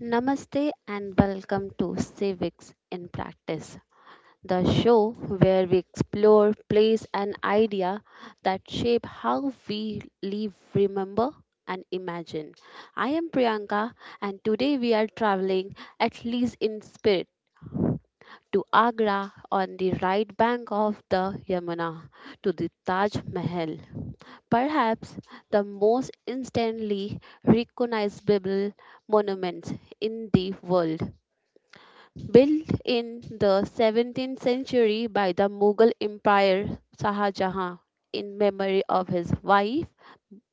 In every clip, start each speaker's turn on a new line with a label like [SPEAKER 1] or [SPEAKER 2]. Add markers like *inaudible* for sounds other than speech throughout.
[SPEAKER 1] Namaste and welcome to Civics in Practice, the show where we explore place and idea that shape how we live, remember and imagine. I am Priyanka and today we are traveling, at least in spirit, to Agra on the right bank of the Yamuna to the Taj Mahal. Perhaps the most instantly recognizable monuments in the world, built in the 17th century by the Mughal Emperor Shah Jahan in memory of his wife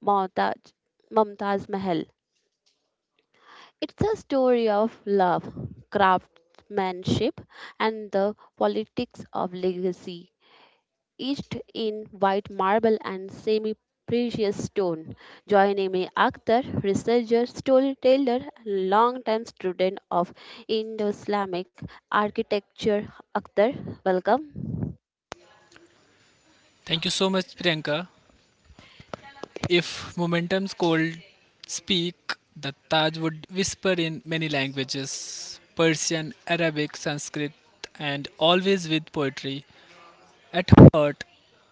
[SPEAKER 1] Mumtaz, Mumtaz Mahal. It's a story of love, craftsmanship, and the politics of legacy etched in white marble and semi precious stone. Joining me, Akhtar, researcher, storyteller, and longtime student of Indo Islamic architecture. Akhtar, welcome.
[SPEAKER 2] Thank you so much, Priyanka. If momentum's cold speak, the Taj would whisper in many languages: Persian, Arabic, Sanskrit, and always with poetry. At heart,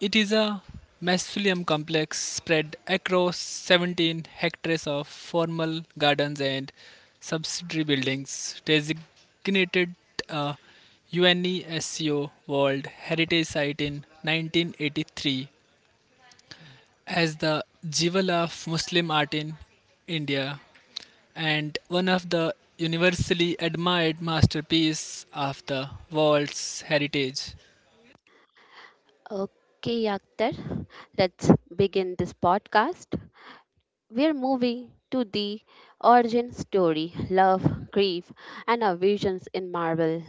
[SPEAKER 2] it is a mausoleum complex spread across 17 hectares of formal gardens and subsidiary buildings, designated a UNESCO World Heritage Site in 1983 as the jewel of Muslim art in India and one of the universally admired masterpiece of the world's heritage.
[SPEAKER 1] Okay, Akhtar, let's begin this podcast. We're moving to the origin story, love, grief, and our visions in marble.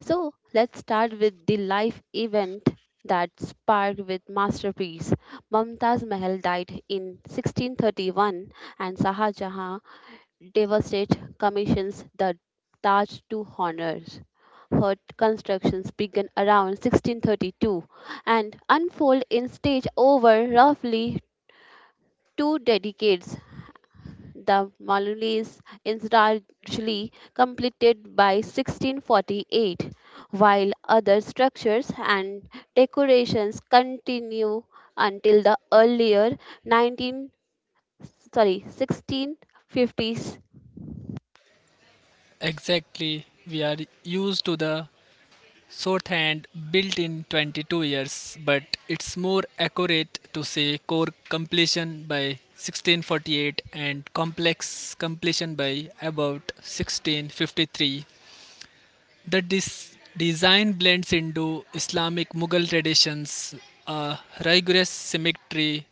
[SPEAKER 1] So let's start with the life event that sparked with masterpiece. Mumtaz Mahal died in 1631 and Shah Jahan, devastated, commissions the Taj to honor. Her constructions began around 1632 and unfold in stage over roughly two decades, the Malulis incidentally completed by 1648, while other structures and decorations continue until the earlier 19 sorry 1650s.
[SPEAKER 2] Exactly, we are used to the shorthand built in 22 years, but it's more accurate to say core completion by 1648 and complex completion by about 1653. The design blends into Islamic Mughal traditions, a rigorous symmetry,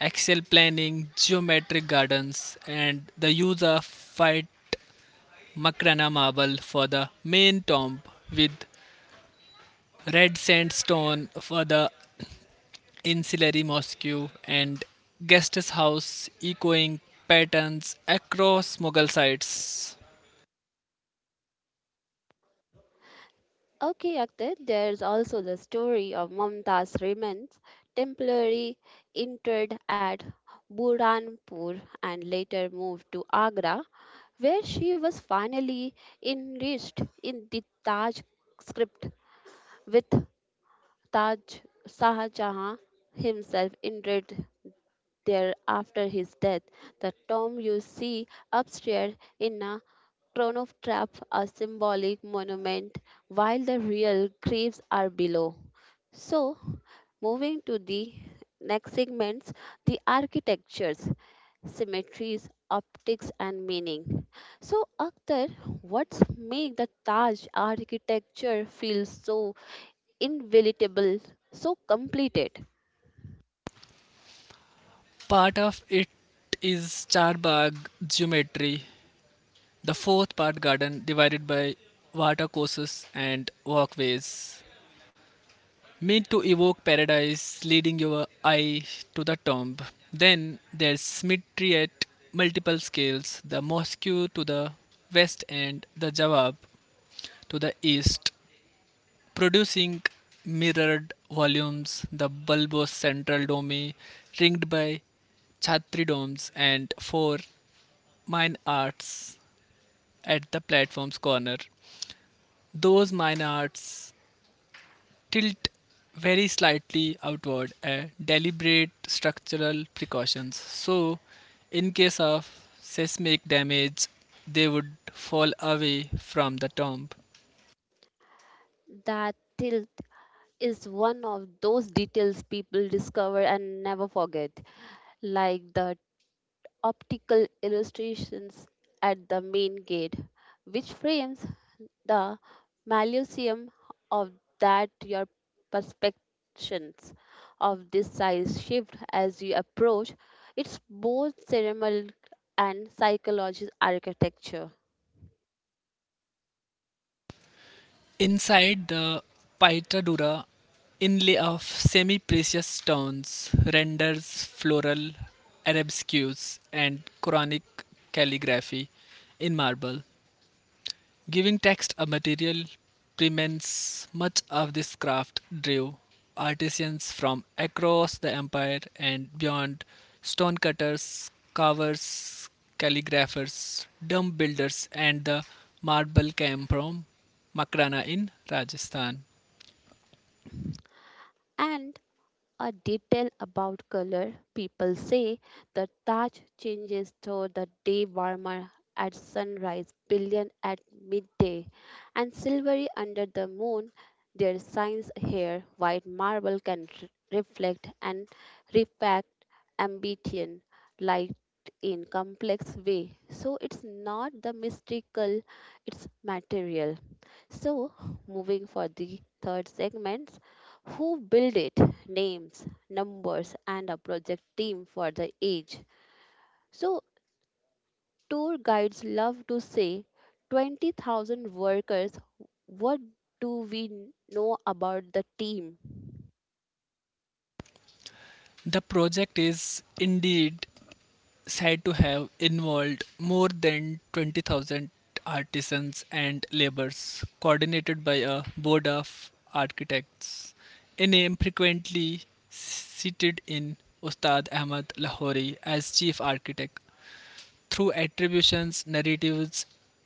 [SPEAKER 2] axial planning, geometric gardens, and the use of white Makrana marble for the main tomb with red sandstone for the ancillary mosque and guest house, echoing patterns across Mughal sites.
[SPEAKER 1] Okay, Akhtar, there's also the story of Mumtaz Rehman's temporarily interred at Burhanpur and later moved to Agra, where she was finally enriched in the Taj script with Taj Shah Jahan himself interred there after his death. The tomb you see upstairs in a crown of trap, a symbolic monument, while the real graves are below. So, moving to the next segments, the architectures, symmetries, optics, and meaning. So, Akhtar, what's make the Taj architecture feel so invaluable, so completed?
[SPEAKER 2] Part of it is Charbagh geometry, the fourth part garden divided by watercourses and walkways meant to evoke paradise, leading your eye to the tomb. Then there's symmetry at multiple scales: the mosque to the west and the Jawab to the east, producing mirrored volumes, the bulbous central dome ringed by Chhatri domes, and four mine arts at the platform's corner. Those Maynards tilt very slightly outward, a deliberate structural precautions. So, in case of seismic damage, they would fall away from the tomb.
[SPEAKER 1] That till is one of those details people discover and never forget, like the optical illustrations at the main gate, which frames the malusium of that your perceptions of this size shift as you approach. It's both ceremonial and psychological architecture.
[SPEAKER 2] Inside the Paitadura, inlay of semi-precious stones renders floral arabesques and Quranic calligraphy in marble. Giving text a material premise, much of this craft drew artisans from across the empire and beyond: stonecutters, carvers, calligraphers, dome builders, and the marble came from Makrana in Rajasthan.
[SPEAKER 1] And a detail about color. People say the Taj changes to the day, warmer at sunrise, brilliant at midday, and silvery under the moon. Their signs here, white marble can reflect and refract ambient light in complex way. So it's not the mystical, it's material. So moving for the third segment, who build it, names, numbers, and a project team for the age. So, tour guides love to say 20,000 workers. What do we know about the team?
[SPEAKER 2] The project is indeed said to have involved more than 20,000 artisans and laborers, coordinated by a board of architects, a name frequently cited in Ustad Ahmad Lahori as chief architect. Through attributions, narratives,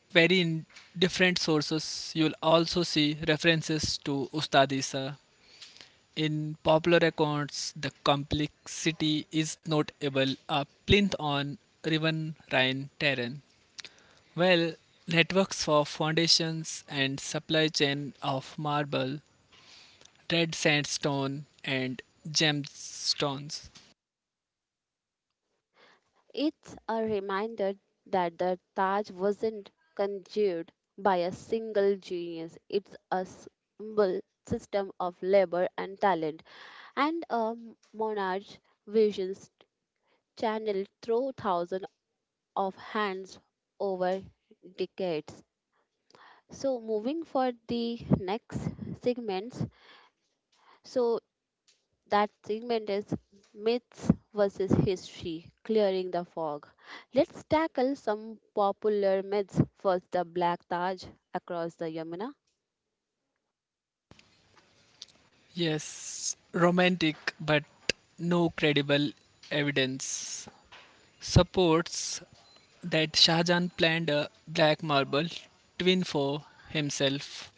[SPEAKER 2] very in different sources, you will also see references to Ustad Isa. In popular accounts, the complexity is notable. A plinth on riverine terrain. Well, networks of foundations and supply chain of marble, red sandstone, and gemstones.
[SPEAKER 1] It's a reminder that the Taj wasn't conjured by a single genius. It's a symbol system of labor and talent and a monarch's visions channeled through thousands of hands over decades. So moving for the next segments. So that segment is myths versus history, clearing the fog. Let's tackle some popular myths. First, the Black Taj across the Yamuna.
[SPEAKER 2] Yes, romantic, but no credible evidence supports that Shahjahan planned a black marble twin for himself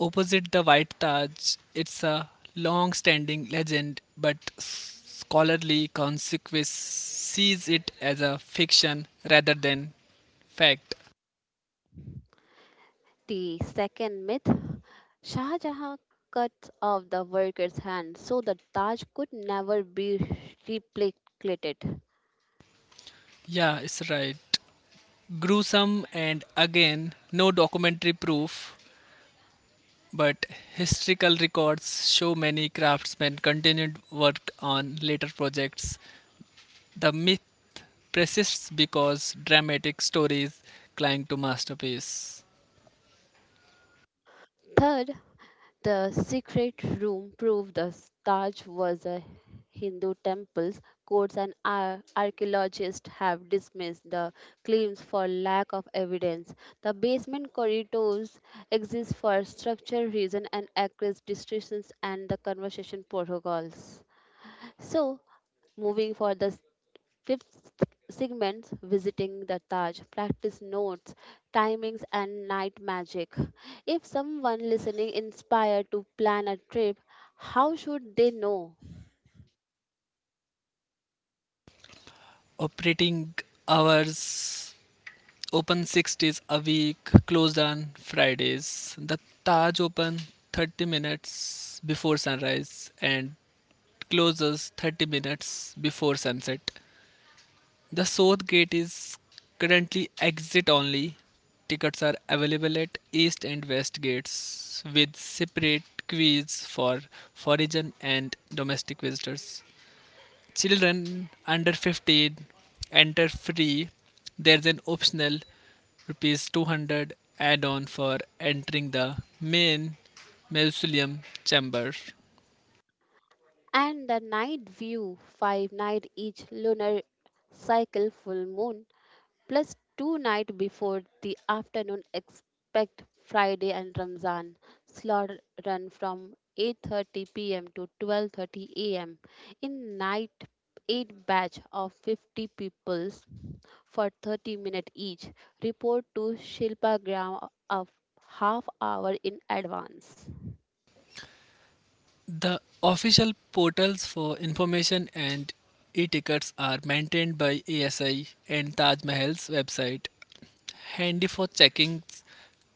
[SPEAKER 2] opposite the White Taj. It's a long standing legend, but scholarly consequence sees it as a fiction rather than fact.
[SPEAKER 1] The second myth, Shah Jahan cut off the worker's hand so the Taj could never be replicated.
[SPEAKER 2] Yeah, it's right. Gruesome, and again, no documentary proof, but historical records show many craftsmen continued work on later projects. The myth persists because dramatic stories cling to masterpiece.
[SPEAKER 1] Third, the secret room proved the Taj was a Hindu temple's. Courts and archaeologists have dismissed the claims for lack of evidence. The basement corridors exist for structural reason and access distortions and the conversation protocols. So, moving for the fifth segments, visiting the Taj, practice notes, timings, and night magic. If someone listening inspired to plan a trip, how should they know?
[SPEAKER 2] Operating hours: open 6 days a week, closed on Fridays. The Taj open 30 minutes before sunrise and closes 30 minutes before sunset. The South Gate is currently exit only. Tickets are available at East and West gates with separate queues for foreign and domestic visitors. Children under 15 enter free. There's an optional rupees 200 add-on for entering the main mausoleum chamber.
[SPEAKER 1] And the night view, five night each lunar cycle full moon plus two night before the afternoon expect Friday and Ramzan. Slot run from 8:30 p.m. to 12:30 a.m. in night, 8 batch of 50 peoples for 30 minutes each. Report to Shilpa Gram of half hour in advance.
[SPEAKER 2] The official portals for information and e-tickets are maintained by ASI and Taj Mahal's website, handy for checking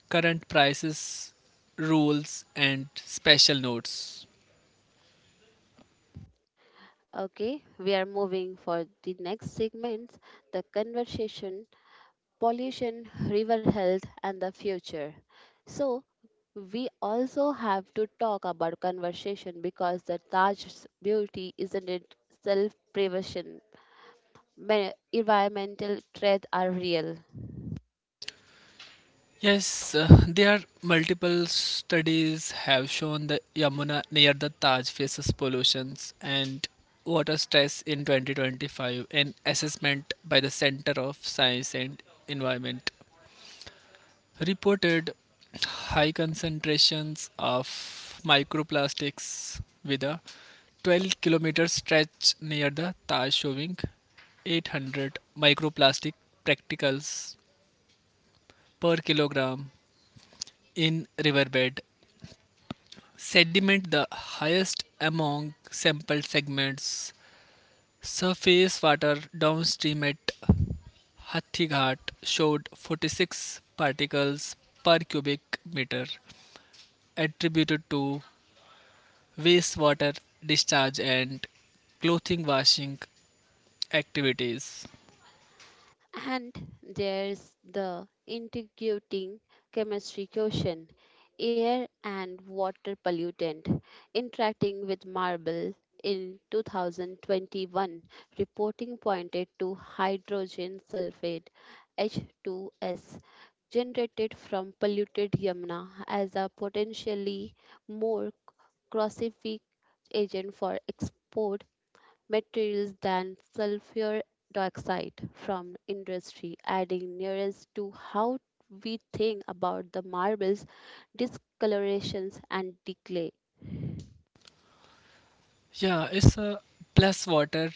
[SPEAKER 2] current prices, rules, and special notes.
[SPEAKER 1] Okay, we are moving for the next segment, the conversation pollution, river health, and the future. So, we also have to talk about conversation because the Taj's beauty isn't it self prevention. Environmental threats are real.
[SPEAKER 2] Yes, there are multiple studies have shown the Yamuna near the Taj faces pollutions and water stress. In 2025, an assessment by the Center of Science and Environment reported high concentrations of microplastics, with a 12-kilometer stretch near the Taj showing 800 microplastic particles per kilogram in riverbed sediment, the highest among sampled segments. Surface water downstream at Hathighat showed 46 particles per cubic meter, attributed to wastewater discharge and clothing washing activities.
[SPEAKER 1] And there's the integrating chemistry question, air and water pollutant interacting with marble in 2021. Reporting pointed to hydrogen sulfate, H2S, generated from polluted Yamuna as a potentially more corrosive agent for export materials than sulfur dioxide from industry, adding nearest to how we think about the marbles, discolorations, and decay.
[SPEAKER 2] Yeah, it's a plus water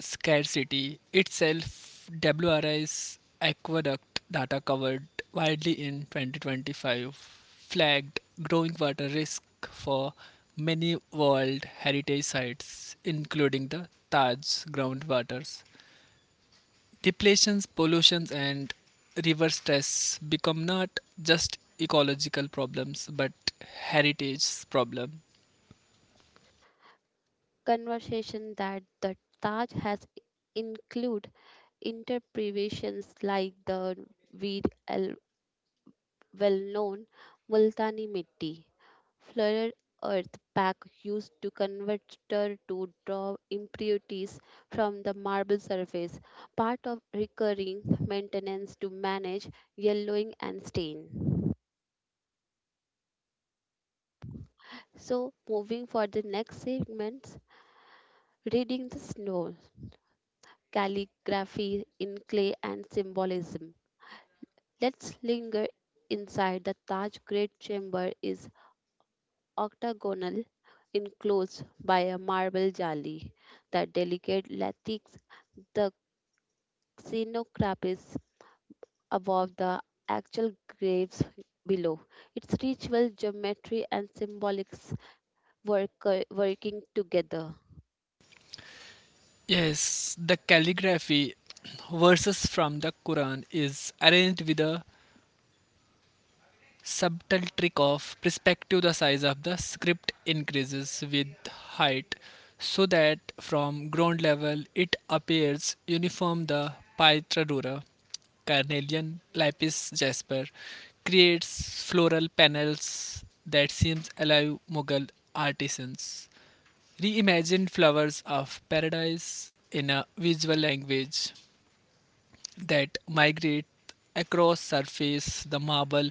[SPEAKER 2] scarcity itself. WRI's aqueduct data, covered widely in 2025, flagged growing water risk for many World Heritage Sites, including the Taj groundwaters. Depletions, pollutions, and river stress become not just ecological problems but heritage problem.
[SPEAKER 1] Conversation that the Taj has include interpretations like the weed al- well known Multani Mitti. Flooded earth pack used to converter to draw impurities from the marble surface, part of recurring maintenance to manage yellowing and stain. So, moving for the next segment, reading the snow, calligraphy in clay, and symbolism. Let's linger inside the Taj. Great Chamber is octagonal, enclosed by a marble jali. The delicate latex, the xenocrapis above, the actual graves below. Its ritual, geometry, and symbolics work, working together.
[SPEAKER 2] Yes, the calligraphy *clears throat* verses from the Quran is arranged with a subtle trick of perspective. The size of the script increases with height so that from ground level it appears uniform. The Pytradura, carnelian lapis jasper, creates floral panels that seems alive. Mughal artisans reimagined flowers of paradise in a visual language that migrate across surface. The marble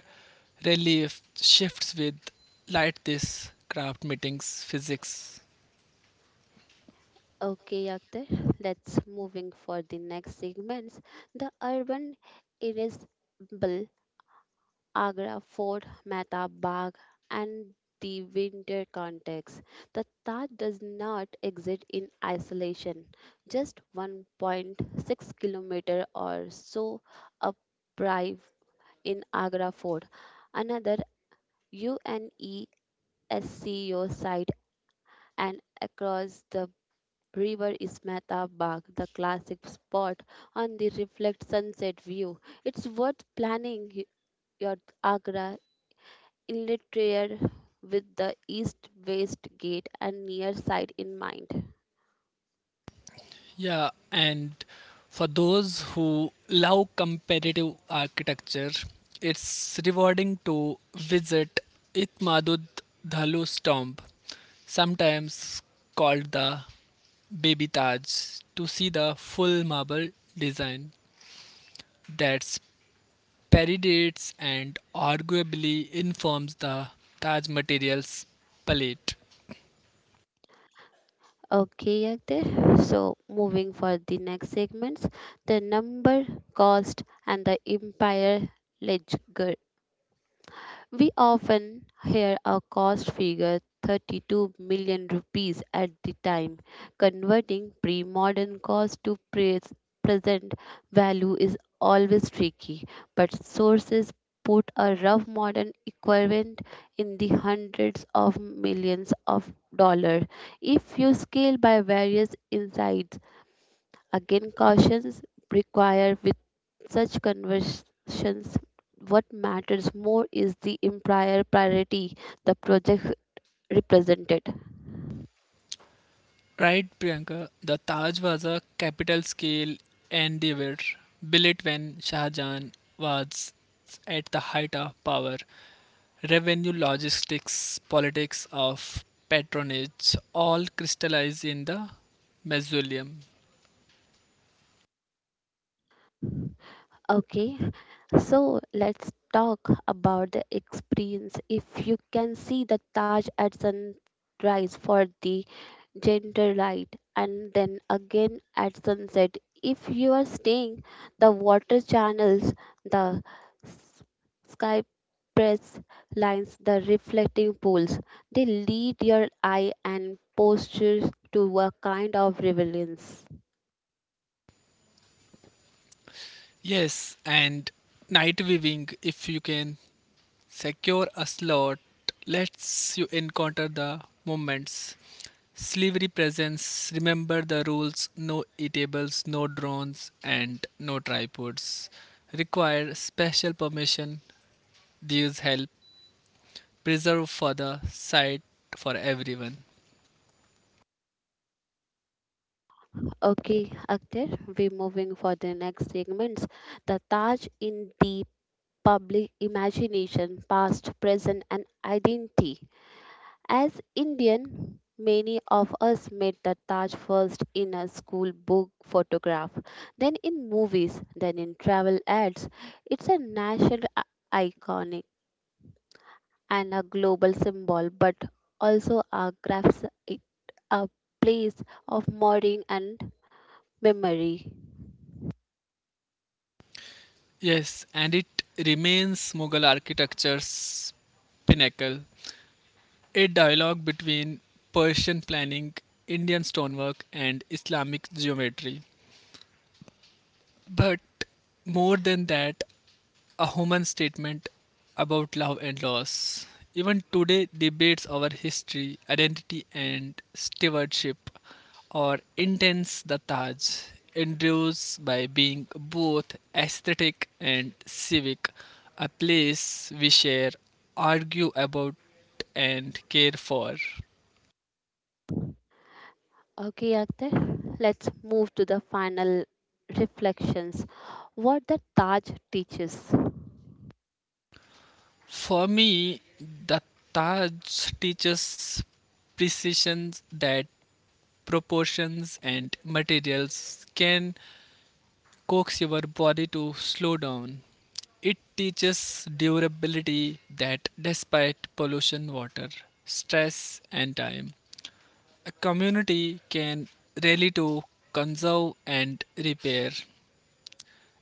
[SPEAKER 2] relief shifts with light. This craft meetings physics.
[SPEAKER 1] Okay, Akhtar, let's moving for the next segments. The urban irresistible Agra Fort, Mehtab Bagh, and the winter context. The Taj does not exist in isolation. Just 1.6 kilometer or so uprive in Agra Fort, another UNESCO site, and across the river is Mehtab Bagh, the classic spot on the reflect sunset view. It's worth planning your Agra inlet rear with the east west gate and near side in mind.
[SPEAKER 2] Yeah, and for those who love comparative architecture, it's rewarding to visit itmadud dhalu's tomb, sometimes called the Baby Taj, to see the full marble design that's predates and arguably informs the Taj materials palette.
[SPEAKER 1] Okay, Yagdesh. So moving for the next segments, the number cost and the empire ledger. We often hear a cost figure, 32 million rupees at the time. Converting pre modern cost to present value is always tricky, but sources put a rough modern equivalent in the hundreds of millions of dollars. If you scale by various insights, again, cautions require with such conversions. What matters more is the entire priority the project represented.
[SPEAKER 2] Right, Priyanka, the Taj was a capital scale endeavor built when Shah Jahan was at the height of power. Revenue, logistics, politics of patronage all crystallize in the mausoleum.
[SPEAKER 1] Okay, so let's talk about the experience. If you can see the Taj at sunrise for the gentle light and then again at sunset, if you are staying the water channels, the sky press lines, the reflecting pools. They lead your eye and postures to a kind of relevance.
[SPEAKER 2] Yes, and night weaving, if you can secure a slot, lets you encounter the moments. Slavery presents, remember the rules: no eatables, no drones, and no tripods. Require special permission. These help preserve for the site for everyone.
[SPEAKER 1] Okay, Akhtar, we're moving for the next segments. The Taj in the public imagination, past, present, and identity. As Indian, many of us met the Taj first in a school book photograph, then in movies, then in travel ads. It's a national iconic and a global symbol, but also a graphic, a place of mourning and memory.
[SPEAKER 2] Yes, and it remains Mughal architecture's pinnacle, a dialogue between Persian planning, Indian stonework, and Islamic geometry. But more than that, a human statement about love and loss. Even today, debates over history, identity, and stewardship are intense. The Taj endures by being both aesthetic and civic, a place we share, argue about, and care for.
[SPEAKER 1] Okay, Akhtar, let's move to the final reflections. What the Taj teaches.
[SPEAKER 2] For me, the Taj teaches precision, that proportions and materials can coax your body to slow down. It teaches durability, that despite pollution, water, stress, and time, a community can rally to conserve and repair.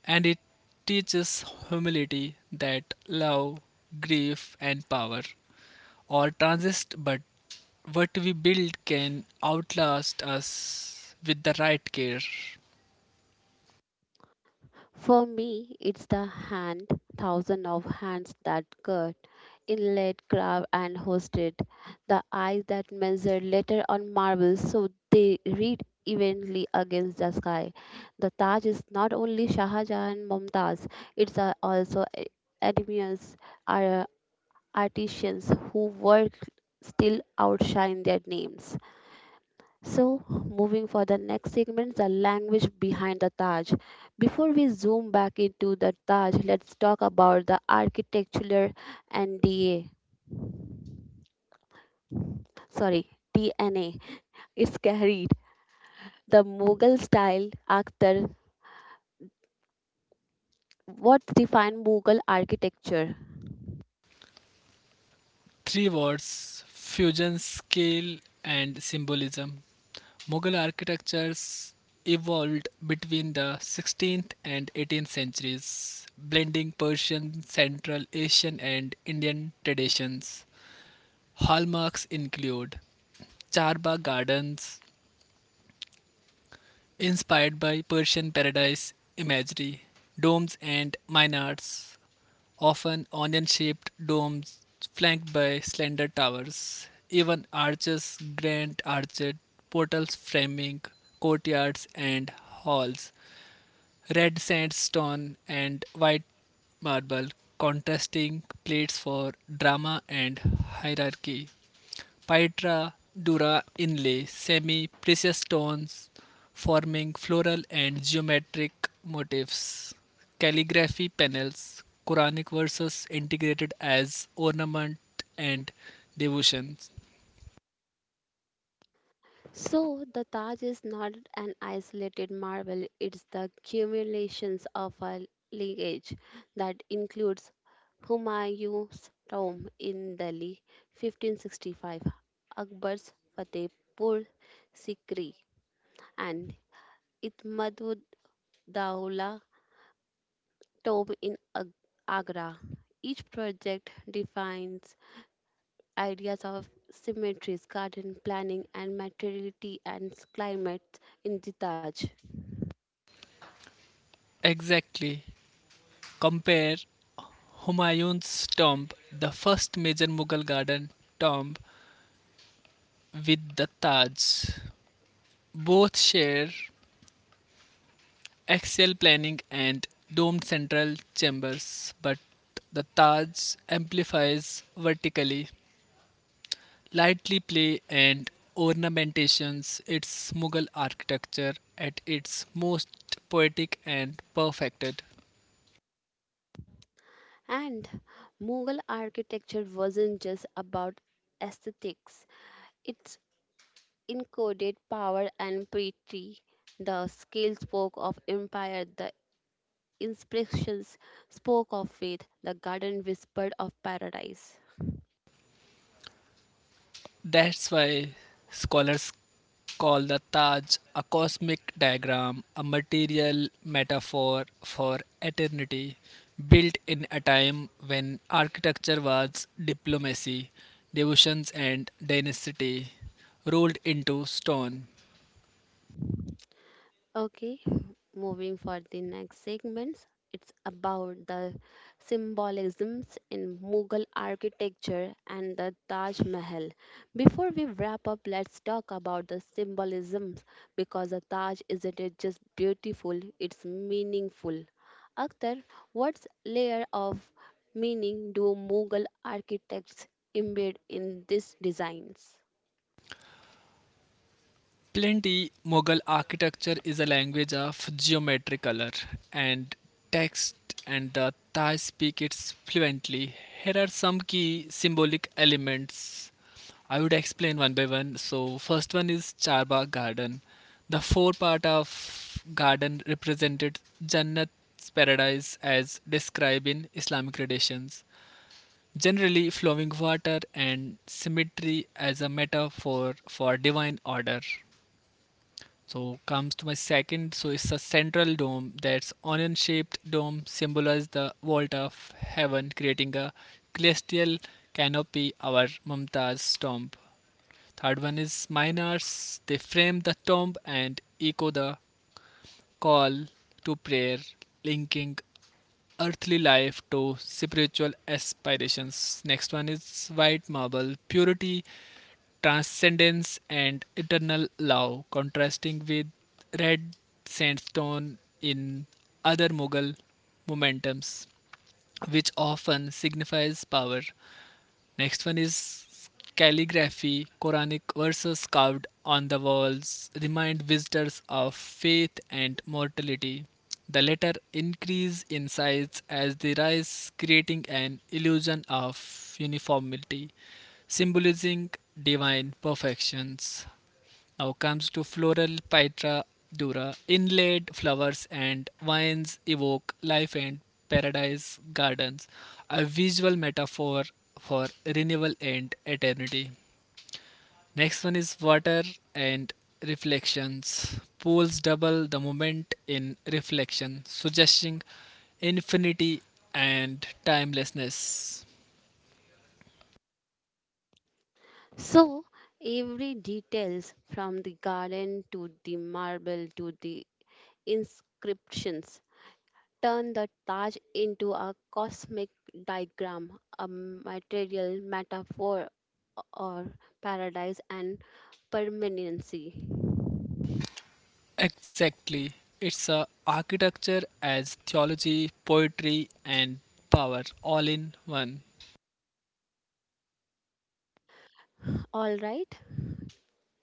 [SPEAKER 2] And it teaches humility, that love, grief, and power are transist, but what we build can outlast us with the right care.
[SPEAKER 1] For me, it's the hand, thousand of hands that cut, inlaid, carved, and hosted, the eyes that measured letter on marble so they read evenly against the sky. The Taj is not only Shah Jahan and Mumtaz, it's also envious are artisans who work still outshine their names. So, moving for the next segment, the language behind the Taj. Before we zoom back into the Taj, let's talk about the architectural and sorry, DNA it's carried. The Mughal style actor, what defined Mughal architecture?
[SPEAKER 2] Three words: fusion, scale, and symbolism. Mughal architectures evolved between the 16th and 18th centuries, blending Persian, Central Asian, and Indian traditions. Hallmarks include Charbagh Gardens, inspired by Persian paradise imagery; domes and minarets, often onion shaped domes flanked by slender towers; even arches, grand arched portals framing courtyards and halls; red sandstone and white marble, contrasting plates for drama and hierarchy; Pitra dura inlay semi precious stones forming floral and geometric motifs; calligraphy panels, Quranic verses integrated as ornament and devotions.
[SPEAKER 1] So, the Taj is not an isolated marvel, it's the accumulations of a lineage that includes Humayun's tomb in Delhi, 1565, Akbar's Fatehpur Sikri, and Itmadu Daula tomb in Agra. Each project defines ideas of cemeteries, garden planning, and materiality and climate in the Taj.
[SPEAKER 2] Exactly. Compare Humayun's tomb, the first major Mughal garden tomb, with the Taj. Both share axial planning and domed central chambers, but the Taj amplifies vertically. Lightly play and ornamentations, its Mughal architecture at its most poetic and perfected.
[SPEAKER 1] And Mughal architecture wasn't just about aesthetics, it encoded power and piety. The scale spoke of empire, the inscriptions spoke of faith, the garden whispered of paradise.
[SPEAKER 2] That's why scholars call the Taj a cosmic diagram, a material metaphor for eternity, built in a time when architecture was diplomacy, devotions, and dynasty rolled into stone.
[SPEAKER 1] Okay, moving for the next segments. It's about the symbolisms in Mughal architecture and the Taj Mahal. Before we wrap up, let's talk about the symbolisms because the Taj isn't it just beautiful, it's meaningful. Akhtar, what layer of meaning do Mughal architects embed in these designs?
[SPEAKER 2] Plenty, Mughal architecture is a language of geometric color and text, and the Thai speak it fluently. Here are some key symbolic elements. I would explain one by one. So, first one is Charbagh Garden. The four part of garden represented Jannat's paradise as described in Islamic traditions. Generally, flowing water and symmetry as a metaphor for divine order. So comes to my second. So it's a central dome, that's onion-shaped dome symbolizes the vault of heaven, creating a celestial canopy. Our Mumtaz's tomb. Third one is miners. They frame the tomb and echo the call to prayer, linking earthly life to spiritual aspirations. Next one is white marble: purity, transcendence, and eternal love, contrasting with red sandstone in other Mughal momentums, which often signifies power. Next one is calligraphy, Quranic verses carved on the walls remind visitors of faith and mortality. The latter increase in size as they rise, creating an illusion of uniformity, symbolizing divine perfections. Now comes to floral Pitra dura. Inlaid flowers and vines evoke life and paradise gardens, a visual metaphor for renewal and eternity. Next one is water and reflections. Pools double the moment in reflection, suggesting infinity and timelessness.
[SPEAKER 1] So every details from the garden to the marble to the inscriptions turn the Taj into a cosmic diagram, a material metaphor or paradise and permanency.
[SPEAKER 2] Exactly. It's a architecture as theology, poetry and power all in one.
[SPEAKER 1] All right,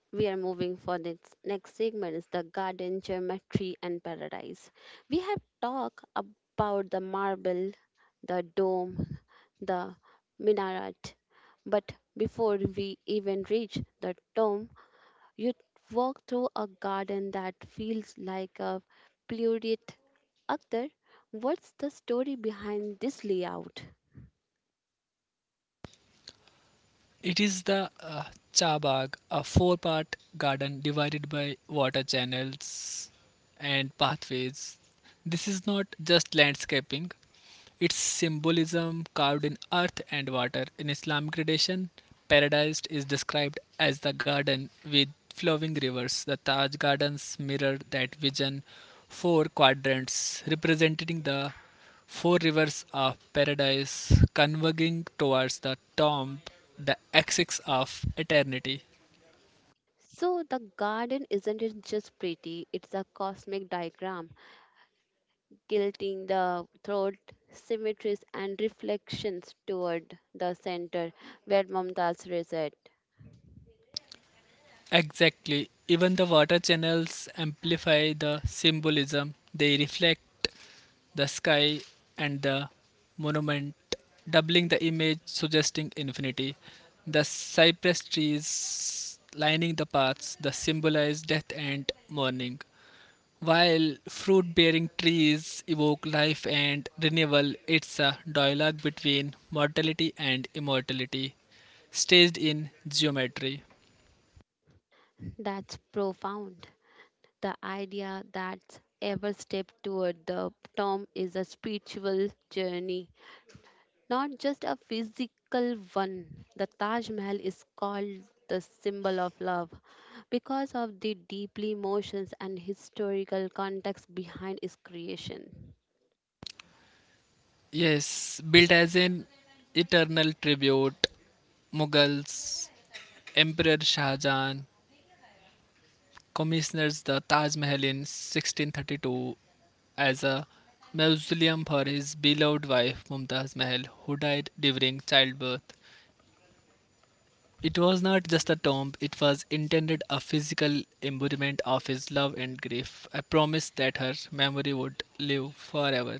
[SPEAKER 1] we are moving for this next segment, is the garden geometry and paradise. We have talked about the marble, the dome, the minaret, but before we even reach the dome, you walk through a garden that feels like a pluripotent. Akhtar, what's the story behind this layout?
[SPEAKER 2] It is the Chabag, a four-part garden divided by water channels and pathways. This is not just landscaping, its symbolism carved in earth and water. In Islamic tradition, paradise is described as the garden with flowing rivers. The Taj Gardens mirror that vision: four quadrants representing the four rivers of paradise converging towards the tomb, the axis of eternity.
[SPEAKER 1] So the garden isn't it just pretty, it's a cosmic diagram tilting the throat, symmetries and reflections toward the center where Mumtaz resides.
[SPEAKER 2] Exactly, even the water channels amplify the symbolism, they reflect the sky and the monument, doubling the image, suggesting infinity. The cypress trees lining the paths, the symbolize death and mourning, while fruit bearing trees evoke life and renewal. It's a dialogue between mortality and immortality, staged in geometry.
[SPEAKER 1] That's profound. The idea that every step toward the tomb is a spiritual journey, not just a physical one. The Taj Mahal is called the symbol of love because of the deeply emotions and historical context behind its creation.
[SPEAKER 2] Yes, built as an eternal tribute, Mughals, Emperor Shah Jahan commissioners the Taj Mahal in 1632 as a mausoleum for his beloved wife Mumtaz Mahal, who died during childbirth. It was not just a tomb, it was intended a physical embodiment of his love and grief, a promise that her memory would live forever.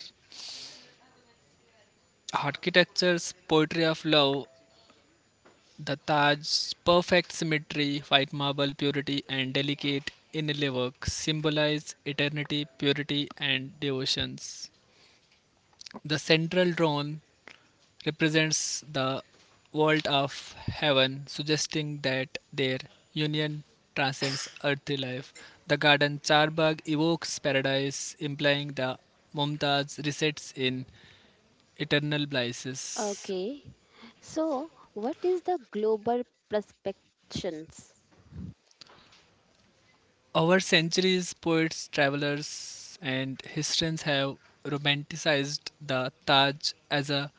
[SPEAKER 2] Architecture's poetry of love, the Taj's perfect symmetry, white marble purity, and delicate inlay work symbolize eternity, purity, and devotions. The central throne represents the vault of heaven, suggesting that their union transcends earthly life. The garden Charbagh evokes paradise, implying the Mumtaz resides in eternal blisses.
[SPEAKER 1] Okay. So, what is the global perspectives?
[SPEAKER 2] Over centuries, poets, travelers, and historians have romanticized the Taj as a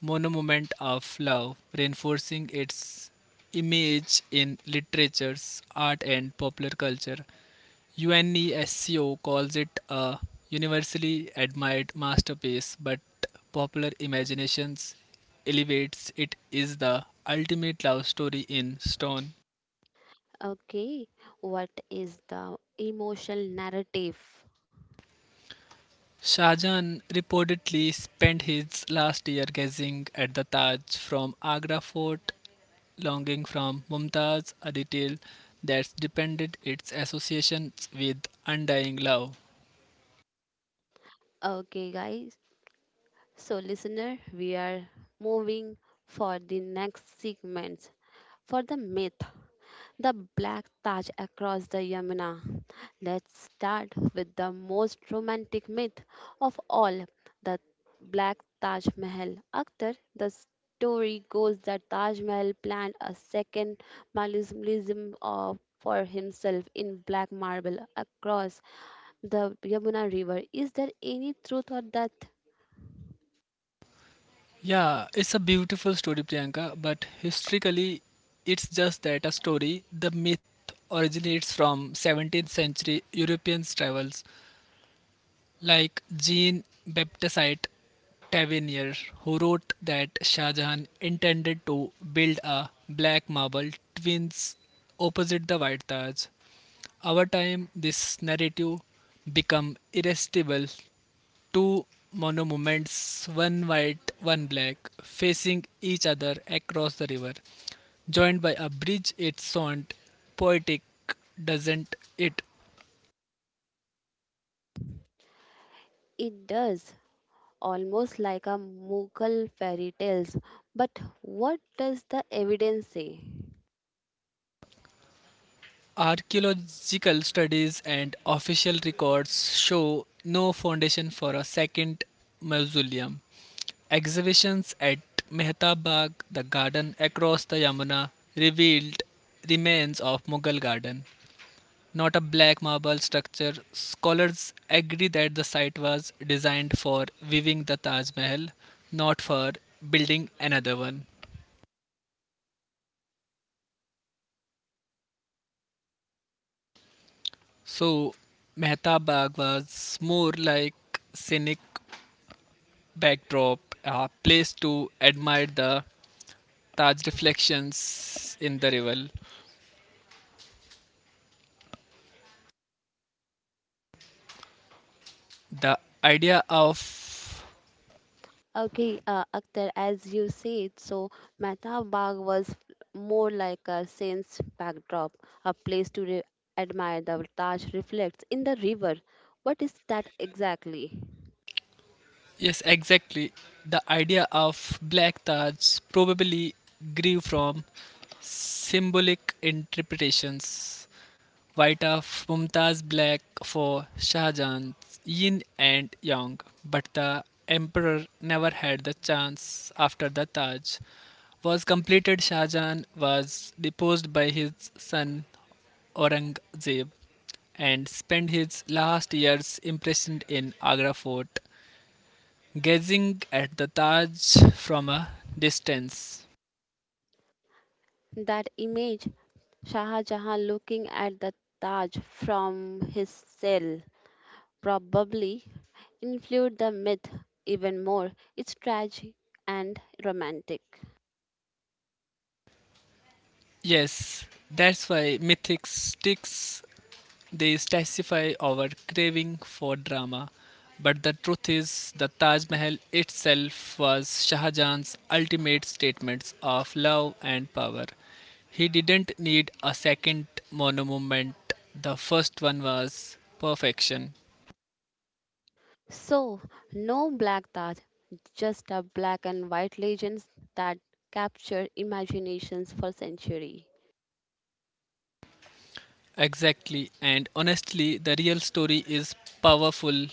[SPEAKER 2] monument of love, reinforcing its image in literatures, art, and popular culture. UNESCO calls it a universally admired masterpiece, but popular imaginations elevates it is the ultimate love story in stone.
[SPEAKER 1] Okay. What is the emotional narrative?
[SPEAKER 2] Shahjahan reportedly spent his last year gazing at the Taj from Agra fort, longing from Mumtaz, a detail that's depended its associations with undying love.
[SPEAKER 1] Okay, guys. So, listener, we are moving for the next segment for the myth, the Black Taj across the Yamuna. Let's start with the most romantic myth of all, the Black Taj Mahal. Akhtar, the story goes that Taj Mahal planned a second mausoleum, for himself in black marble across the Yamuna River. Is there any truth or that?
[SPEAKER 2] Yeah, it's a beautiful story, Priyanka, but historically, it's just that a story. The myth originates from 17th century European travels like Jean Baptiste Tavernier, who wrote that Shah Jahan intended to build a black marble twins opposite the White Taj. Over time, this narrative become irresistible. Two monuments, one white, one black, facing each other across the river, joined by a bridge. It's sound poetic, doesn't it?
[SPEAKER 1] It does, almost like a Mughal fairy tales. But what does the evidence say?
[SPEAKER 2] Archaeological studies and official records show no foundation for a second mausoleum. Exhibitions at Mehtab Bagh, the garden across the Yamuna, revealed remains of Mughal garden, not a black marble structure. Scholars agree that the site was designed for viewing the Taj Mahal, not for building another one. So, Mehtab Bagh was more like scenic backdrop, a place to admire the Taj reflections in the river. The idea of
[SPEAKER 1] Okay, Akhtar, as you said, so Mehtab Bagh was more like a scene's backdrop, a place to admire the Taj reflects in the river. What is that exactly?
[SPEAKER 2] yes, exactly. The idea of black Taj probably grew from symbolic interpretations, White of Mumtaz, Black for Shahjahan's Yin and Yang, but the emperor never had the chance after the Taj was completed. Shahjahan was deposed by his son Aurangzeb and spent his last years imprisoned in Agra fort, gazing at the Taj from a distance.
[SPEAKER 1] That image, Shah Jahan looking at the Taj from his cell, probably influenced the myth even more. It's tragic and romantic.
[SPEAKER 2] Yes, that's why mythic sticks. They testify our craving for drama, but the truth is, the Taj Mahal itself was Shah Jahan's ultimate statements of love and power. He didn't need a second monument, the first one was perfection.
[SPEAKER 1] So, no black thought, just a black and white legends that capture imaginations for century.
[SPEAKER 2] Exactly, and honestly, the real story is powerful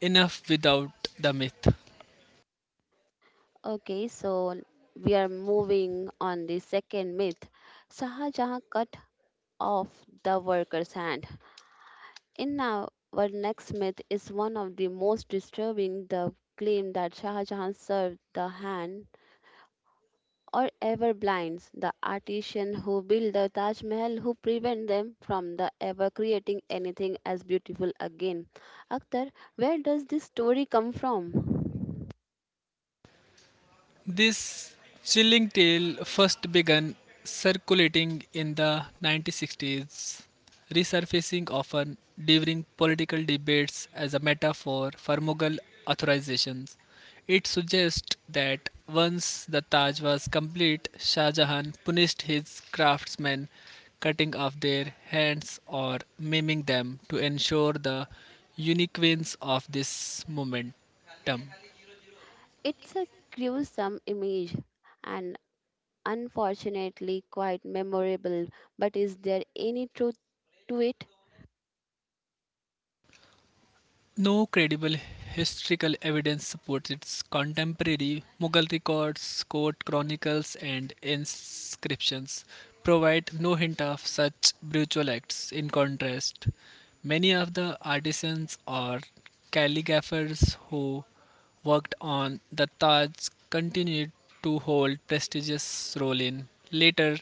[SPEAKER 2] enough without the myth.
[SPEAKER 1] Okay, so we are moving on the second myth. Shahjahan cut off the worker's hand. In our next myth is one of the most disturbing, the claim that Shahjahan served the hand or ever blinds the artisan who built the Taj Mahal, who prevent them from the ever creating anything as beautiful again. Akhtar, where does this story come from?
[SPEAKER 2] This chilling tale first began circulating in the 1960s, resurfacing often during political debates as a metaphor for Mughal authorizations. It suggests that once the Taj was complete, Shah Jahan punished his craftsmen, cutting off their hands or maiming them to ensure the uniqueness of this momentum.
[SPEAKER 1] It's a gruesome image and unfortunately quite memorable, but is there any truth to it?
[SPEAKER 2] No credible historical evidence supports its contemporary Mughal records, court chronicles, and inscriptions provide no hint of such brutal acts. In contrast, many of the artisans or calligraphers who worked on the Taj continued to hold prestigious role in later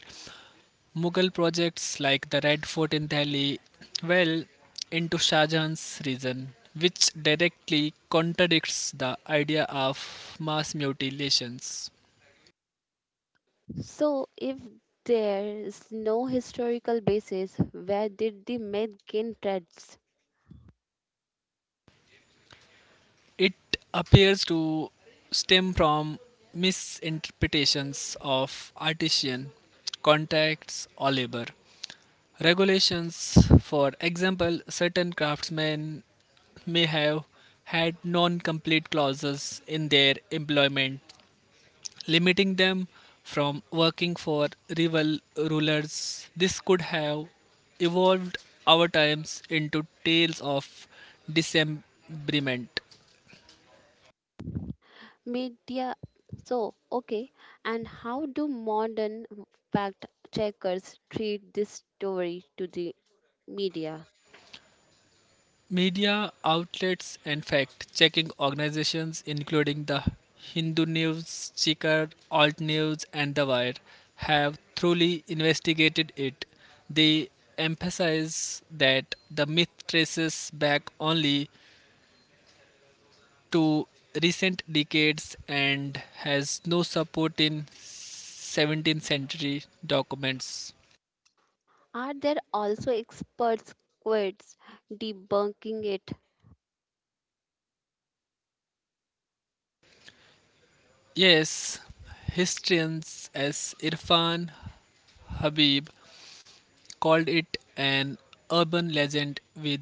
[SPEAKER 2] Mughal projects like the Red Fort in Delhi well into Shah Jahan's region, which directly contradicts the idea of mass mutilations.
[SPEAKER 1] So, if there is no historical basis, where did the myth gain traction?
[SPEAKER 2] It appears to stem from misinterpretations of artisan contracts or labor regulations. For example, certain craftsmen may have had non complete clauses in their employment limiting them from working for rival rulers. This could have evolved our times into tales of dismemberment.
[SPEAKER 1] Media. So, okay, and how do modern fact checkers treat this story to the media?
[SPEAKER 2] Media outlets and fact checking organizations, including the Hindu News, Chikar, Alt News, and The Wire, have thoroughly investigated it. They emphasize that the myth traces back only to recent decades and has no support in 17th century documents.
[SPEAKER 1] Are there also experts quotes debunking it?
[SPEAKER 2] Yes, historians as Irfan Habib called it an urban legend with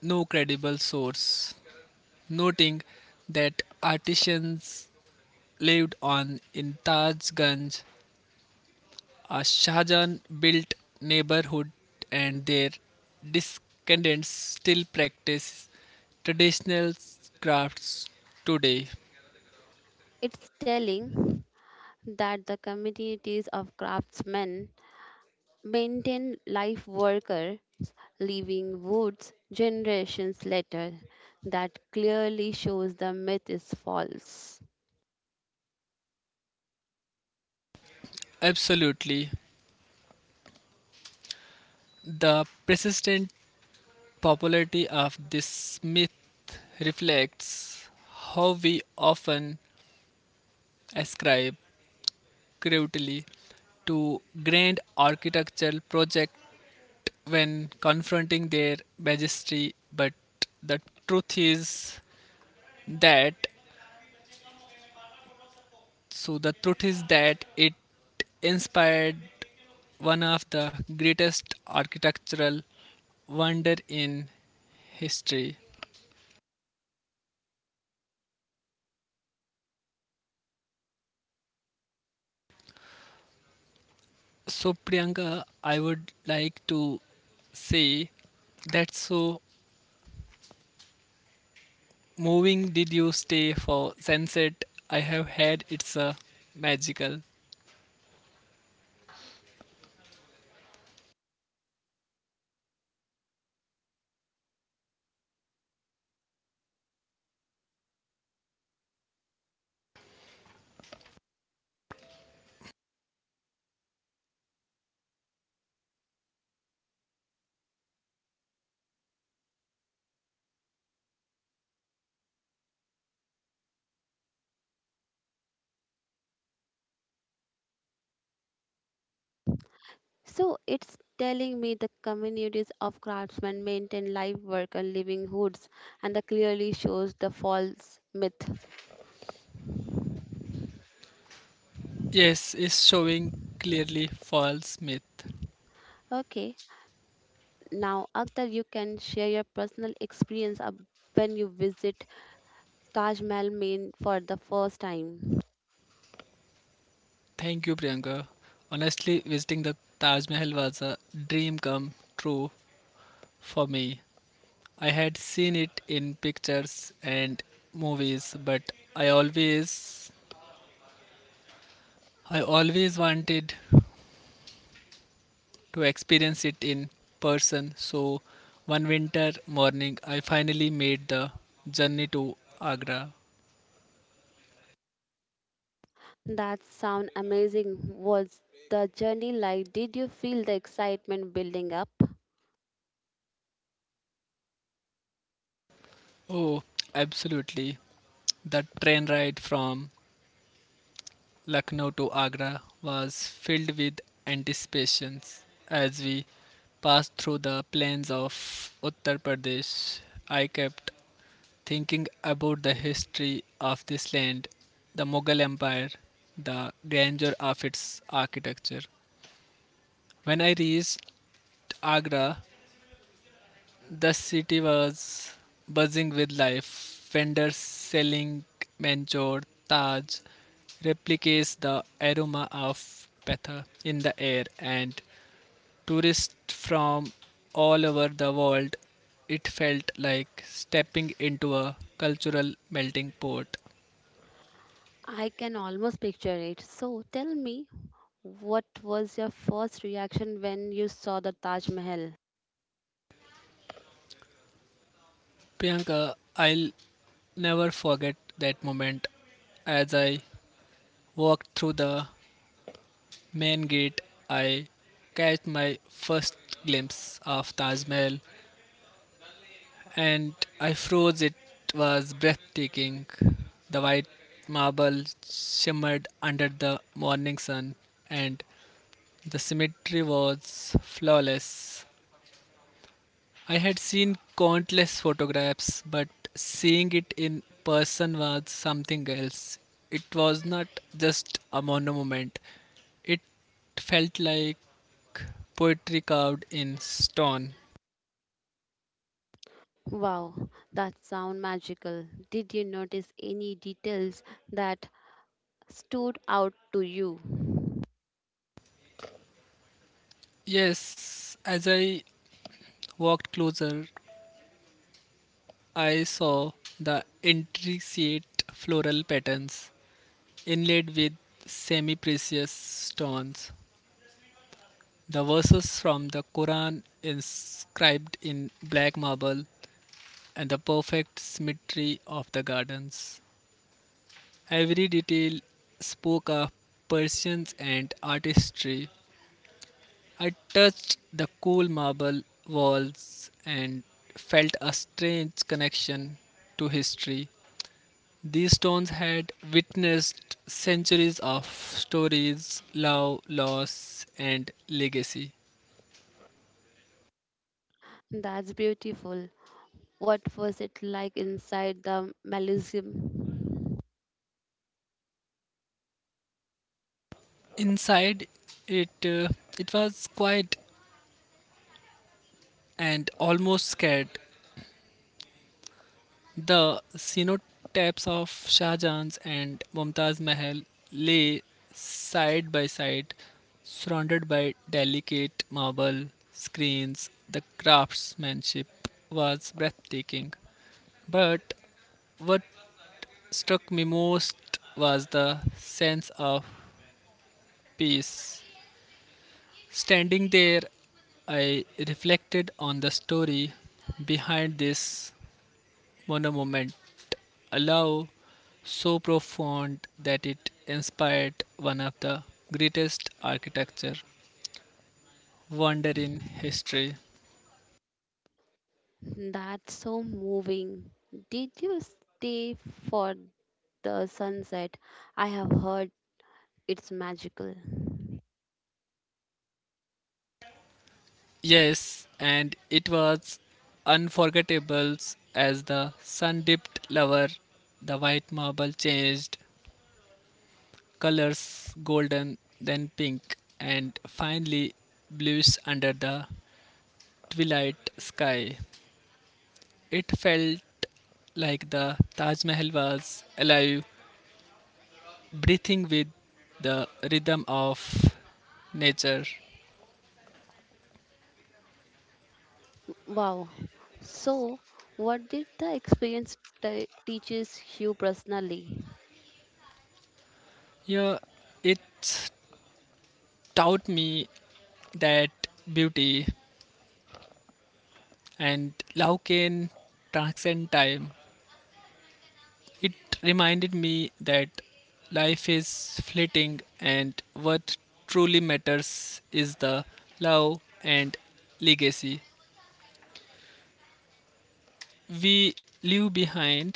[SPEAKER 2] no credible source, noting that artisans lived on in Tajganj. Shahjahan built neighborhood and their descendants still practice traditional crafts today.
[SPEAKER 1] It's telling that the communities of craftsmen maintain life worker leaving woods generations later, that clearly shows the myth is false.
[SPEAKER 2] Absolutely. The persistent popularity of this myth reflects how we often ascribe cruelty to grand architectural projects when confronting their majesty, but the truth is that the truth is that it inspired one of the greatest architectural wonder in history. So Priyanka, I would like to say that so moving, did you stay for sunset? I have had it's a magical.
[SPEAKER 1] So it's telling me the communities of craftsmen maintain live work and livelihoods, and that clearly shows the false myth.
[SPEAKER 2] Yes, is showing clearly false myth.
[SPEAKER 1] Okay, now Akhtar, you can share your personal experience of when you visit Taj Mahal Main for the first time.
[SPEAKER 2] Thank you, Priyanka. Honestly, visiting the Taj Mahal was a dream come true for me. I had seen it in pictures and movies, but I always I always wanted to experience it in person. So one winter morning I finally made the journey to Agra.
[SPEAKER 1] That sound amazing. Was the journey like? Did you feel the excitement building up?
[SPEAKER 2] Oh, absolutely. The train ride from Lucknow to Agra was filled with anticipations as we passed through the plains of Uttar Pradesh. I kept thinking about the history of this land, the Mughal Empire, the grandeur of its architecture. When I reached Agra, the city was buzzing with life. Vendors selling Manchor, Taj, replicates the aroma of Petha in the air, and tourists from all over the world. It felt like stepping into a cultural melting pot.
[SPEAKER 1] I can almost picture it. So tell me, what was your first reaction when you saw the Taj Mahal?
[SPEAKER 2] Priyanka, I'll never forget that moment. As I walked through the main gate, I caught my first glimpse of Taj Mahal and I froze. It was breathtaking. The white marble shimmered under the morning sun, and the symmetry was flawless. I had seen countless photographs, but seeing it in person was something else. It was not just a monument, it felt like poetry carved in stone.
[SPEAKER 1] Wow, that sound magical. Did you notice any details that stood out to you?
[SPEAKER 2] Yes, as I walked closer, I saw the intricate floral patterns inlaid with semi precious stones. The verses from the Quran inscribed in black marble and the perfect symmetry of the gardens. Every detail spoke of persons and artistry. I touched the cool marble walls and felt a strange connection to history. These stones had witnessed centuries of stories, love, loss, and legacy.
[SPEAKER 1] That's beautiful. What was it like inside the Melusium?
[SPEAKER 2] Inside, it uh, it was quiet and almost scared. The cenotaphs of Shah Jahan's and Mumtaz Mahal lay side by side, surrounded by delicate marble screens. The craftsmanship was breathtaking, but what struck me most was the sense of peace. Standing there, I reflected on the story behind this one moment, allow so profound that it inspired one of the greatest architecture wonder in history.
[SPEAKER 1] That's so moving. Did you stay for the sunset? I have heard it's magical.
[SPEAKER 2] Yes, and it was unforgettable. As the sun dipped lower, the white marble changed colors golden, then pink, and finally bluish under the twilight sky. It felt like the Taj Mahal was alive breathing with the rhythm of nature.
[SPEAKER 1] Wow. So, what did the experience teaches you personally?
[SPEAKER 2] Yeah, it taught me that beauty and love can transcend time. It reminded me that life is fleeting and what truly matters is the love and legacy we leave behind,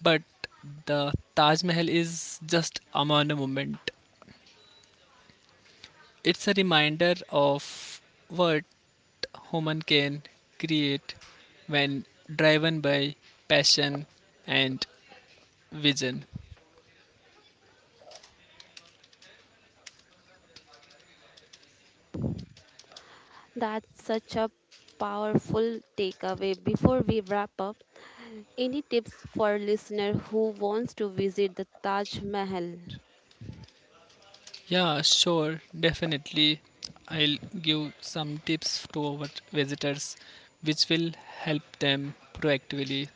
[SPEAKER 2] but the Taj Mahal is just a monument. It's a reminder of what human can create when driven by passion and vision.
[SPEAKER 1] That's such a powerful takeaway. Before we wrap up, any tips for listener who wants to visit the Taj Mahal?
[SPEAKER 2] Yeah, sure, definitely. I'll give some tips to our visitors which will help them proactively.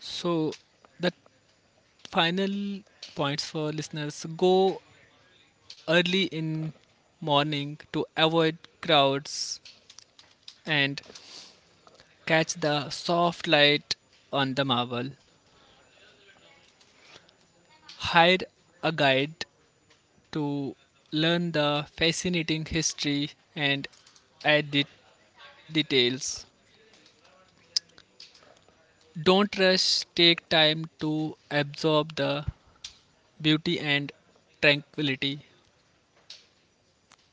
[SPEAKER 2] So, the final points for listeners: go early in morning to avoid crowds and catch the soft light on the marble. Hire a guide to learn the fascinating history and add det- details. Don't rush, take time to absorb the beauty and tranquility.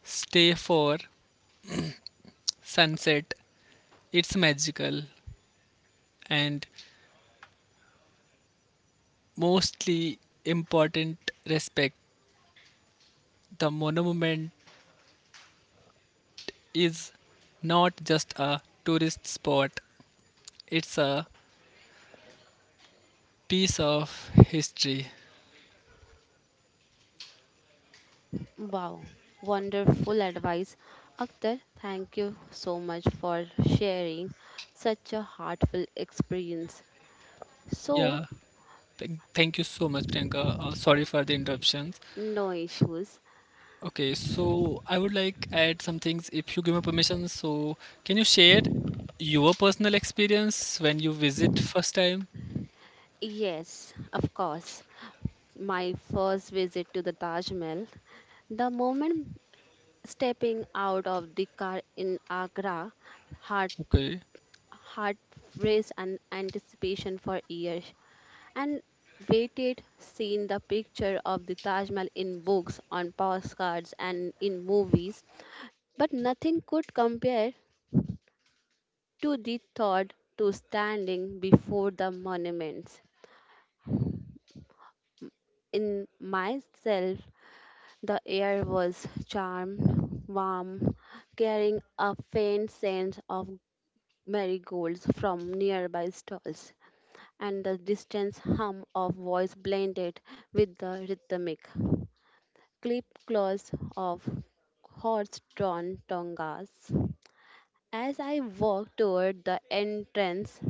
[SPEAKER 2] Stay for sunset, it's magical, and mostly important respect. The monument is not just a tourist spot, it's a piece of history.
[SPEAKER 1] Wow, wonderful advice. Akhtar, thank you so much for sharing such a heartful experience. So,
[SPEAKER 2] Yeah. Thank you so much, Priyanka. Sorry for the interruptions.
[SPEAKER 1] no issues.
[SPEAKER 2] Okay, so I would like add some things if you give me permission. So, can you share your personal experience when you visit first time?
[SPEAKER 1] Yes, of course. My first visit to the Taj Mahal, the moment stepping out of the car in Agra, heart
[SPEAKER 2] Okay.
[SPEAKER 1] heart raced and anticipation for years and waited seen the picture of the Taj Mahal in books, on postcards and in movies. But nothing could compare to the thought to standing before the monuments. In myself the air was charmed, warm, carrying a faint scent of marigolds from nearby stalls, and the distant hum of voice blended with the rhythmic clip claws of horse-drawn tongas. As I walked toward the entrance,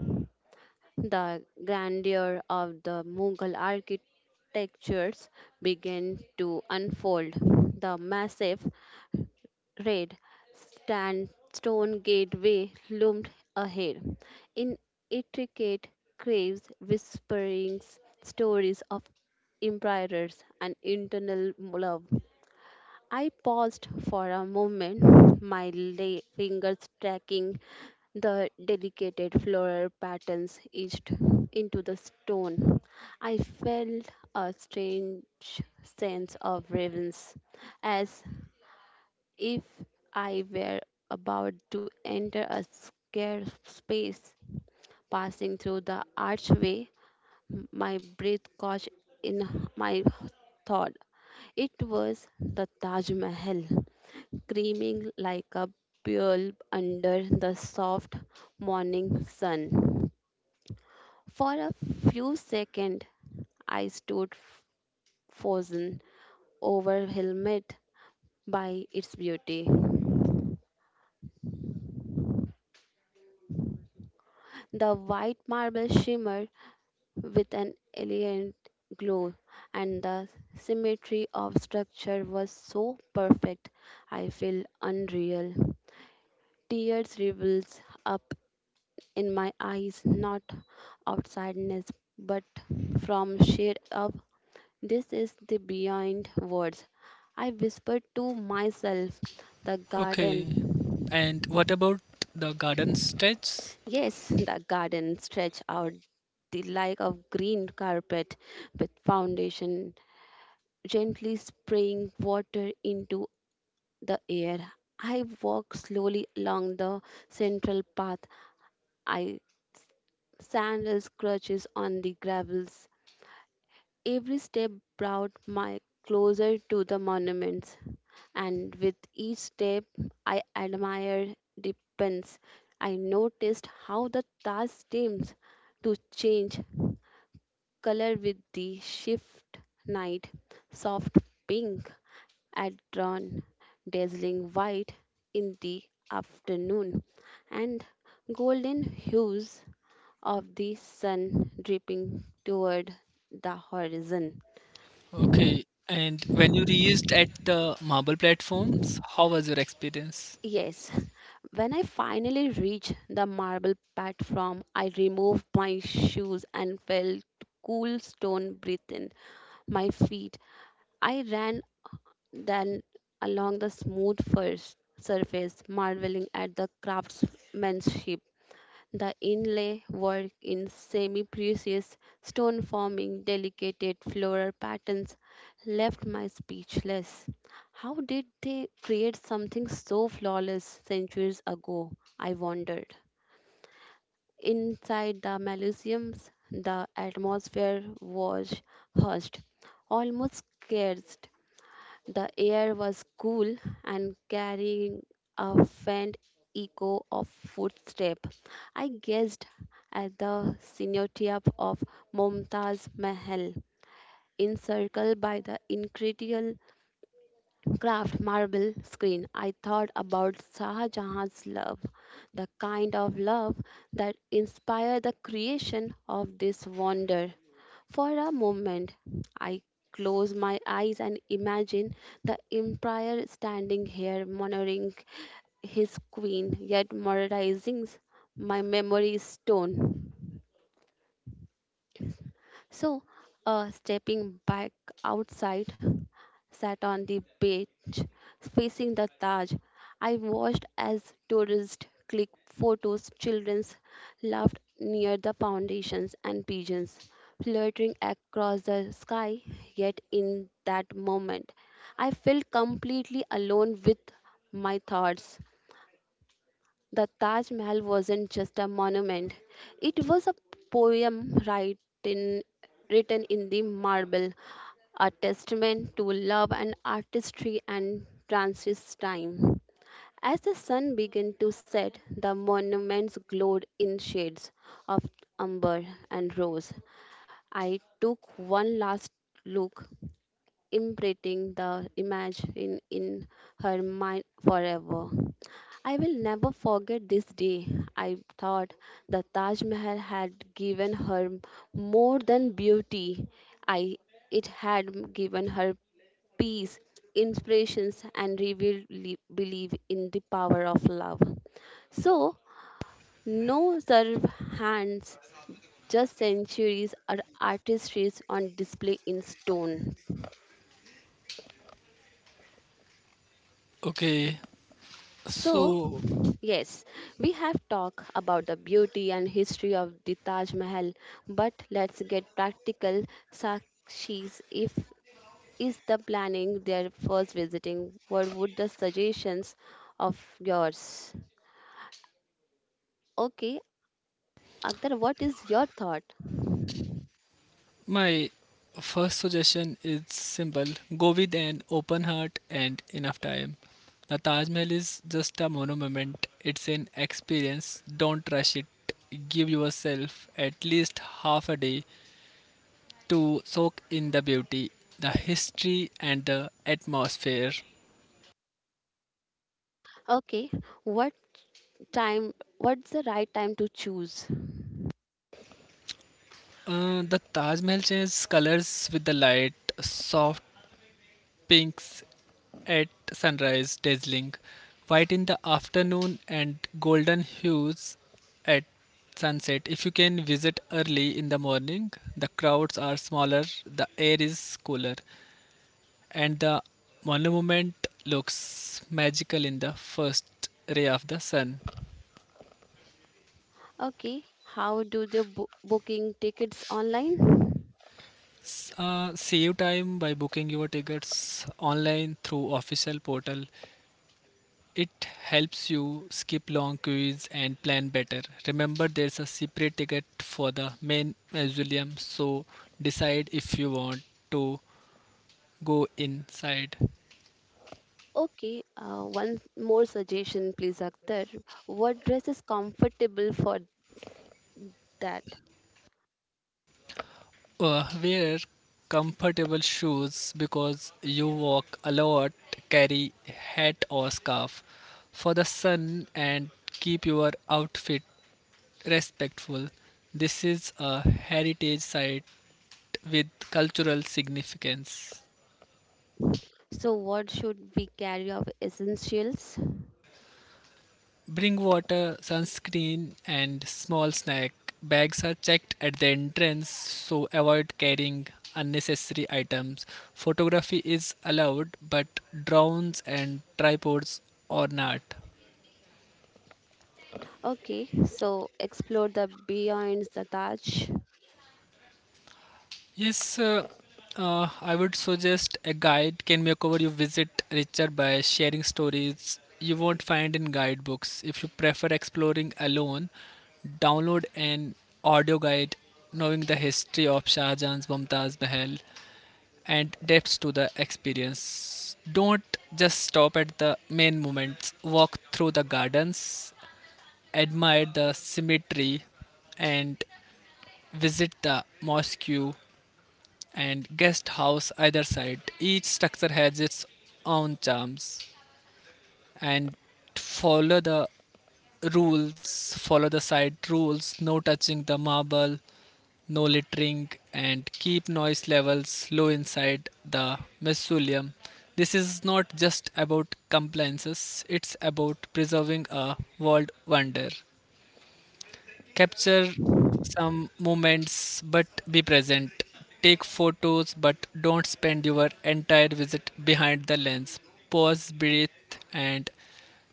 [SPEAKER 1] the grandeur of the Mughal architectures began to unfold. The massive red stand stone gateway loomed ahead in intricate caves whispering stories of emperors and internal love. I paused for a moment, my fingers tracking the delicate floral patterns etched into the stone. I felt a strange sense of reverence, as if I were about to enter a scarce space. Passing through the archway, my breath caught in my thought. It was the Taj Mahal, creaming like a pearl under the soft morning sun. For a few seconds, I stood frozen, overwhelmed by its beauty. The white marble shimmer with an elegant glow, and the symmetry of structure was so perfect. I feel unreal. Tears rivels up in my eyes, not out sadness, but from shade of this is the beyond words. I whispered to myself, the
[SPEAKER 2] Okay.
[SPEAKER 1] garden.
[SPEAKER 2] And what about the garden stretch?
[SPEAKER 1] Yes, the garden stretched out the like of green carpet with foundation gently spraying water into the air. I walk slowly along the central path. I sandals crutches on the gravels. Every step brought my closer to the monuments, and with each step I admired the pens. I noticed how the Taj seems to change color with the shift night, soft pink had drawn dazzling white in the afternoon, and golden hues of the sun dripping toward the horizon.
[SPEAKER 2] Okay. And when you reached at the marble platforms, how was your experience?
[SPEAKER 1] Yes, when I finally reached the marble platform, I removed my shoes and felt cool stone breathe in my feet. I ran then along the smooth first surface, marveling at the craftsmanship. The inlay work in semi precious stone forming delicate floral patterns left my speechless. How did they create something so flawless centuries ago? I wondered. Inside the Malysiums, the atmosphere was hushed, almost scarce. The air was cool and carrying a faint echo of footsteps. I gazed at the cenotype of Mumtaz Mahal, encircled by the incredible craft marble screen. I thought about Shah Jahan's love, the kind of love that inspired the creation of this wonder. For a moment, I close my eyes and imagine the empire standing here, monitoring his queen, yet memorizing my memory stone. So, stepping back outside, sat on the beach facing the Taj. I watched as tourists clicked photos, children laughed near the foundations, and pigeons fluttering across the sky. Yet, in that moment, I felt completely alone with my thoughts. The Taj Mahal wasn't just a monument, it was a poem right in, written in the marble, a testament to love and artistry and Francis' time. As the sun began to set, the monuments glowed in shades of umber and rose. I took one last look, imprinting the image in her mind forever. I will never forget this day. I thought the Taj Mahal had given her more than beauty. I It had given her peace, inspirations, and revealed belief in the power of love. So no serve hands, just centuries or artistries on display in stone.
[SPEAKER 2] Okay.
[SPEAKER 1] So,
[SPEAKER 2] So
[SPEAKER 1] yes, we have talked about the beauty and history of the Taj Mahal, but let's get practical. Sakshis, if is the planning their first visiting, what would the suggestions of yours? Okay, Akhtar, what is your thought?
[SPEAKER 2] my first suggestion is simple: go with an open heart and enough time. The Taj Mahal is just a monument, it's an experience. Don't rush it. Give yourself at least half a day to soak in the beauty, the history, and the atmosphere.
[SPEAKER 1] Okay, what time? What's the right time to choose?
[SPEAKER 2] The Taj Mahal changes colors with the light, soft pinks at sunrise, dazzling white in the afternoon, and golden hues at sunset. If you can visit early in the morning, the crowds are smaller, the air is cooler, and the monument looks magical in the first ray of the sun.
[SPEAKER 1] Okay, how do the booking tickets online?
[SPEAKER 2] Save time by booking your tickets online through official portal. It helps you skip long queues and plan better. Remember, there's a separate ticket for the main mausoleum, so decide if you want to go inside.
[SPEAKER 1] Okay, one more suggestion, please, Akhtar. What dress is comfortable for that?
[SPEAKER 2] Wear comfortable shoes because you walk a lot, carry hat or scarf for the sun, and keep your outfit respectful. This is a heritage site with cultural significance.
[SPEAKER 1] So, what should we carry of essentials?
[SPEAKER 2] Bring water, sunscreen, and small snack. Bags are checked at the entrance, so avoid carrying unnecessary items. Photography is allowed, but drones and tripods are not.
[SPEAKER 1] Okay, so explore the beyond the Taj.
[SPEAKER 2] Yes, I would suggest a guide can make over your visit richer by sharing stories you won't find in guidebooks. If you prefer exploring alone, download an audio guide knowing the history of Shah Jahan's Mumtaz Mahal and depths to the experience. Don't just stop at the main moments. Walk through the gardens, admire the cemetery, and visit the mosque and guest house either side. Each structure has its own charms and follow the rules, follow the side rules, no touching the marble, no littering, and keep noise levels low inside the mausoleum. This is not just about compliances, it's about preserving a world wonder. Capture some moments but be present. Take photos but don't spend your entire visit behind the lens. Pause, breathe, and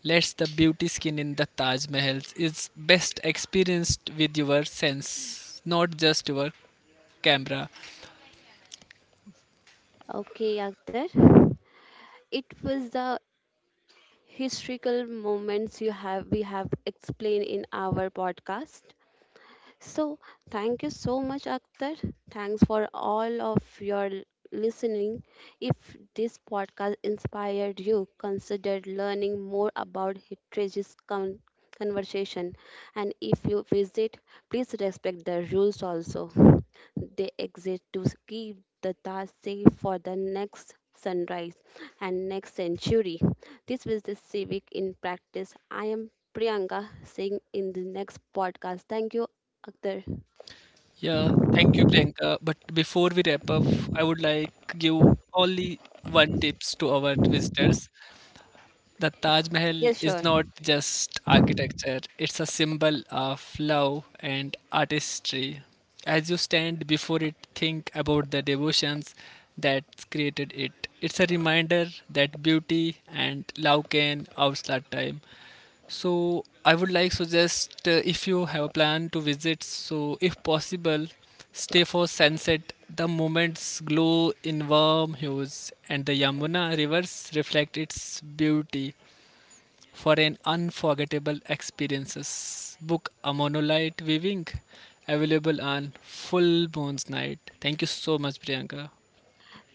[SPEAKER 2] let us the beauty skin in the Taj Mahal is best experienced with your sense, not just your camera.
[SPEAKER 1] Okay, Akhtar. It was the historical moments you have we have explained in our podcast. So, thank you so much, Akhtar. Thanks for all of your listening. If this podcast inspired you, consider learning more about Hitrage's conversation. And if you visit, please respect the rules also, they exist to keep the task safe for the next sunrise and next century. This was the civic in practice. I am Priyanka Singh in the next podcast. Thank you, Akhtar.
[SPEAKER 2] Yeah, thank you, Priyanka. But before we wrap up, I would like give only one tips to our visitors. The Taj Mahal
[SPEAKER 1] Yes,
[SPEAKER 2] is
[SPEAKER 1] sure.
[SPEAKER 2] not just architecture, it's a symbol of love and artistry. As you stand before it, think about the devotions that created it. It's a reminder that beauty and love can outlast time. So I would like suggest, if you have a plan to visit, so if possible, stay for sunset. The moment's glow in warm hues and the Yamuna rivers reflect its beauty for an unforgettable experiences. Book a monolite viewing available on full moon's night. Thank you so much, Priyanka.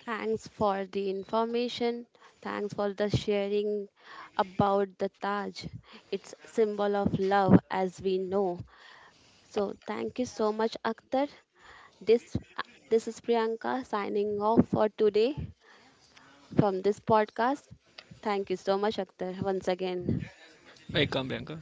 [SPEAKER 1] Thanks for the information. Thanks for the sharing about the Taj. It's symbol of love as we know. So thank you so much, Akhtar. This this is Priyanka signing off for today from this podcast. Thank you so much, Akhtar, once again.
[SPEAKER 2] Welcome, Priyanka.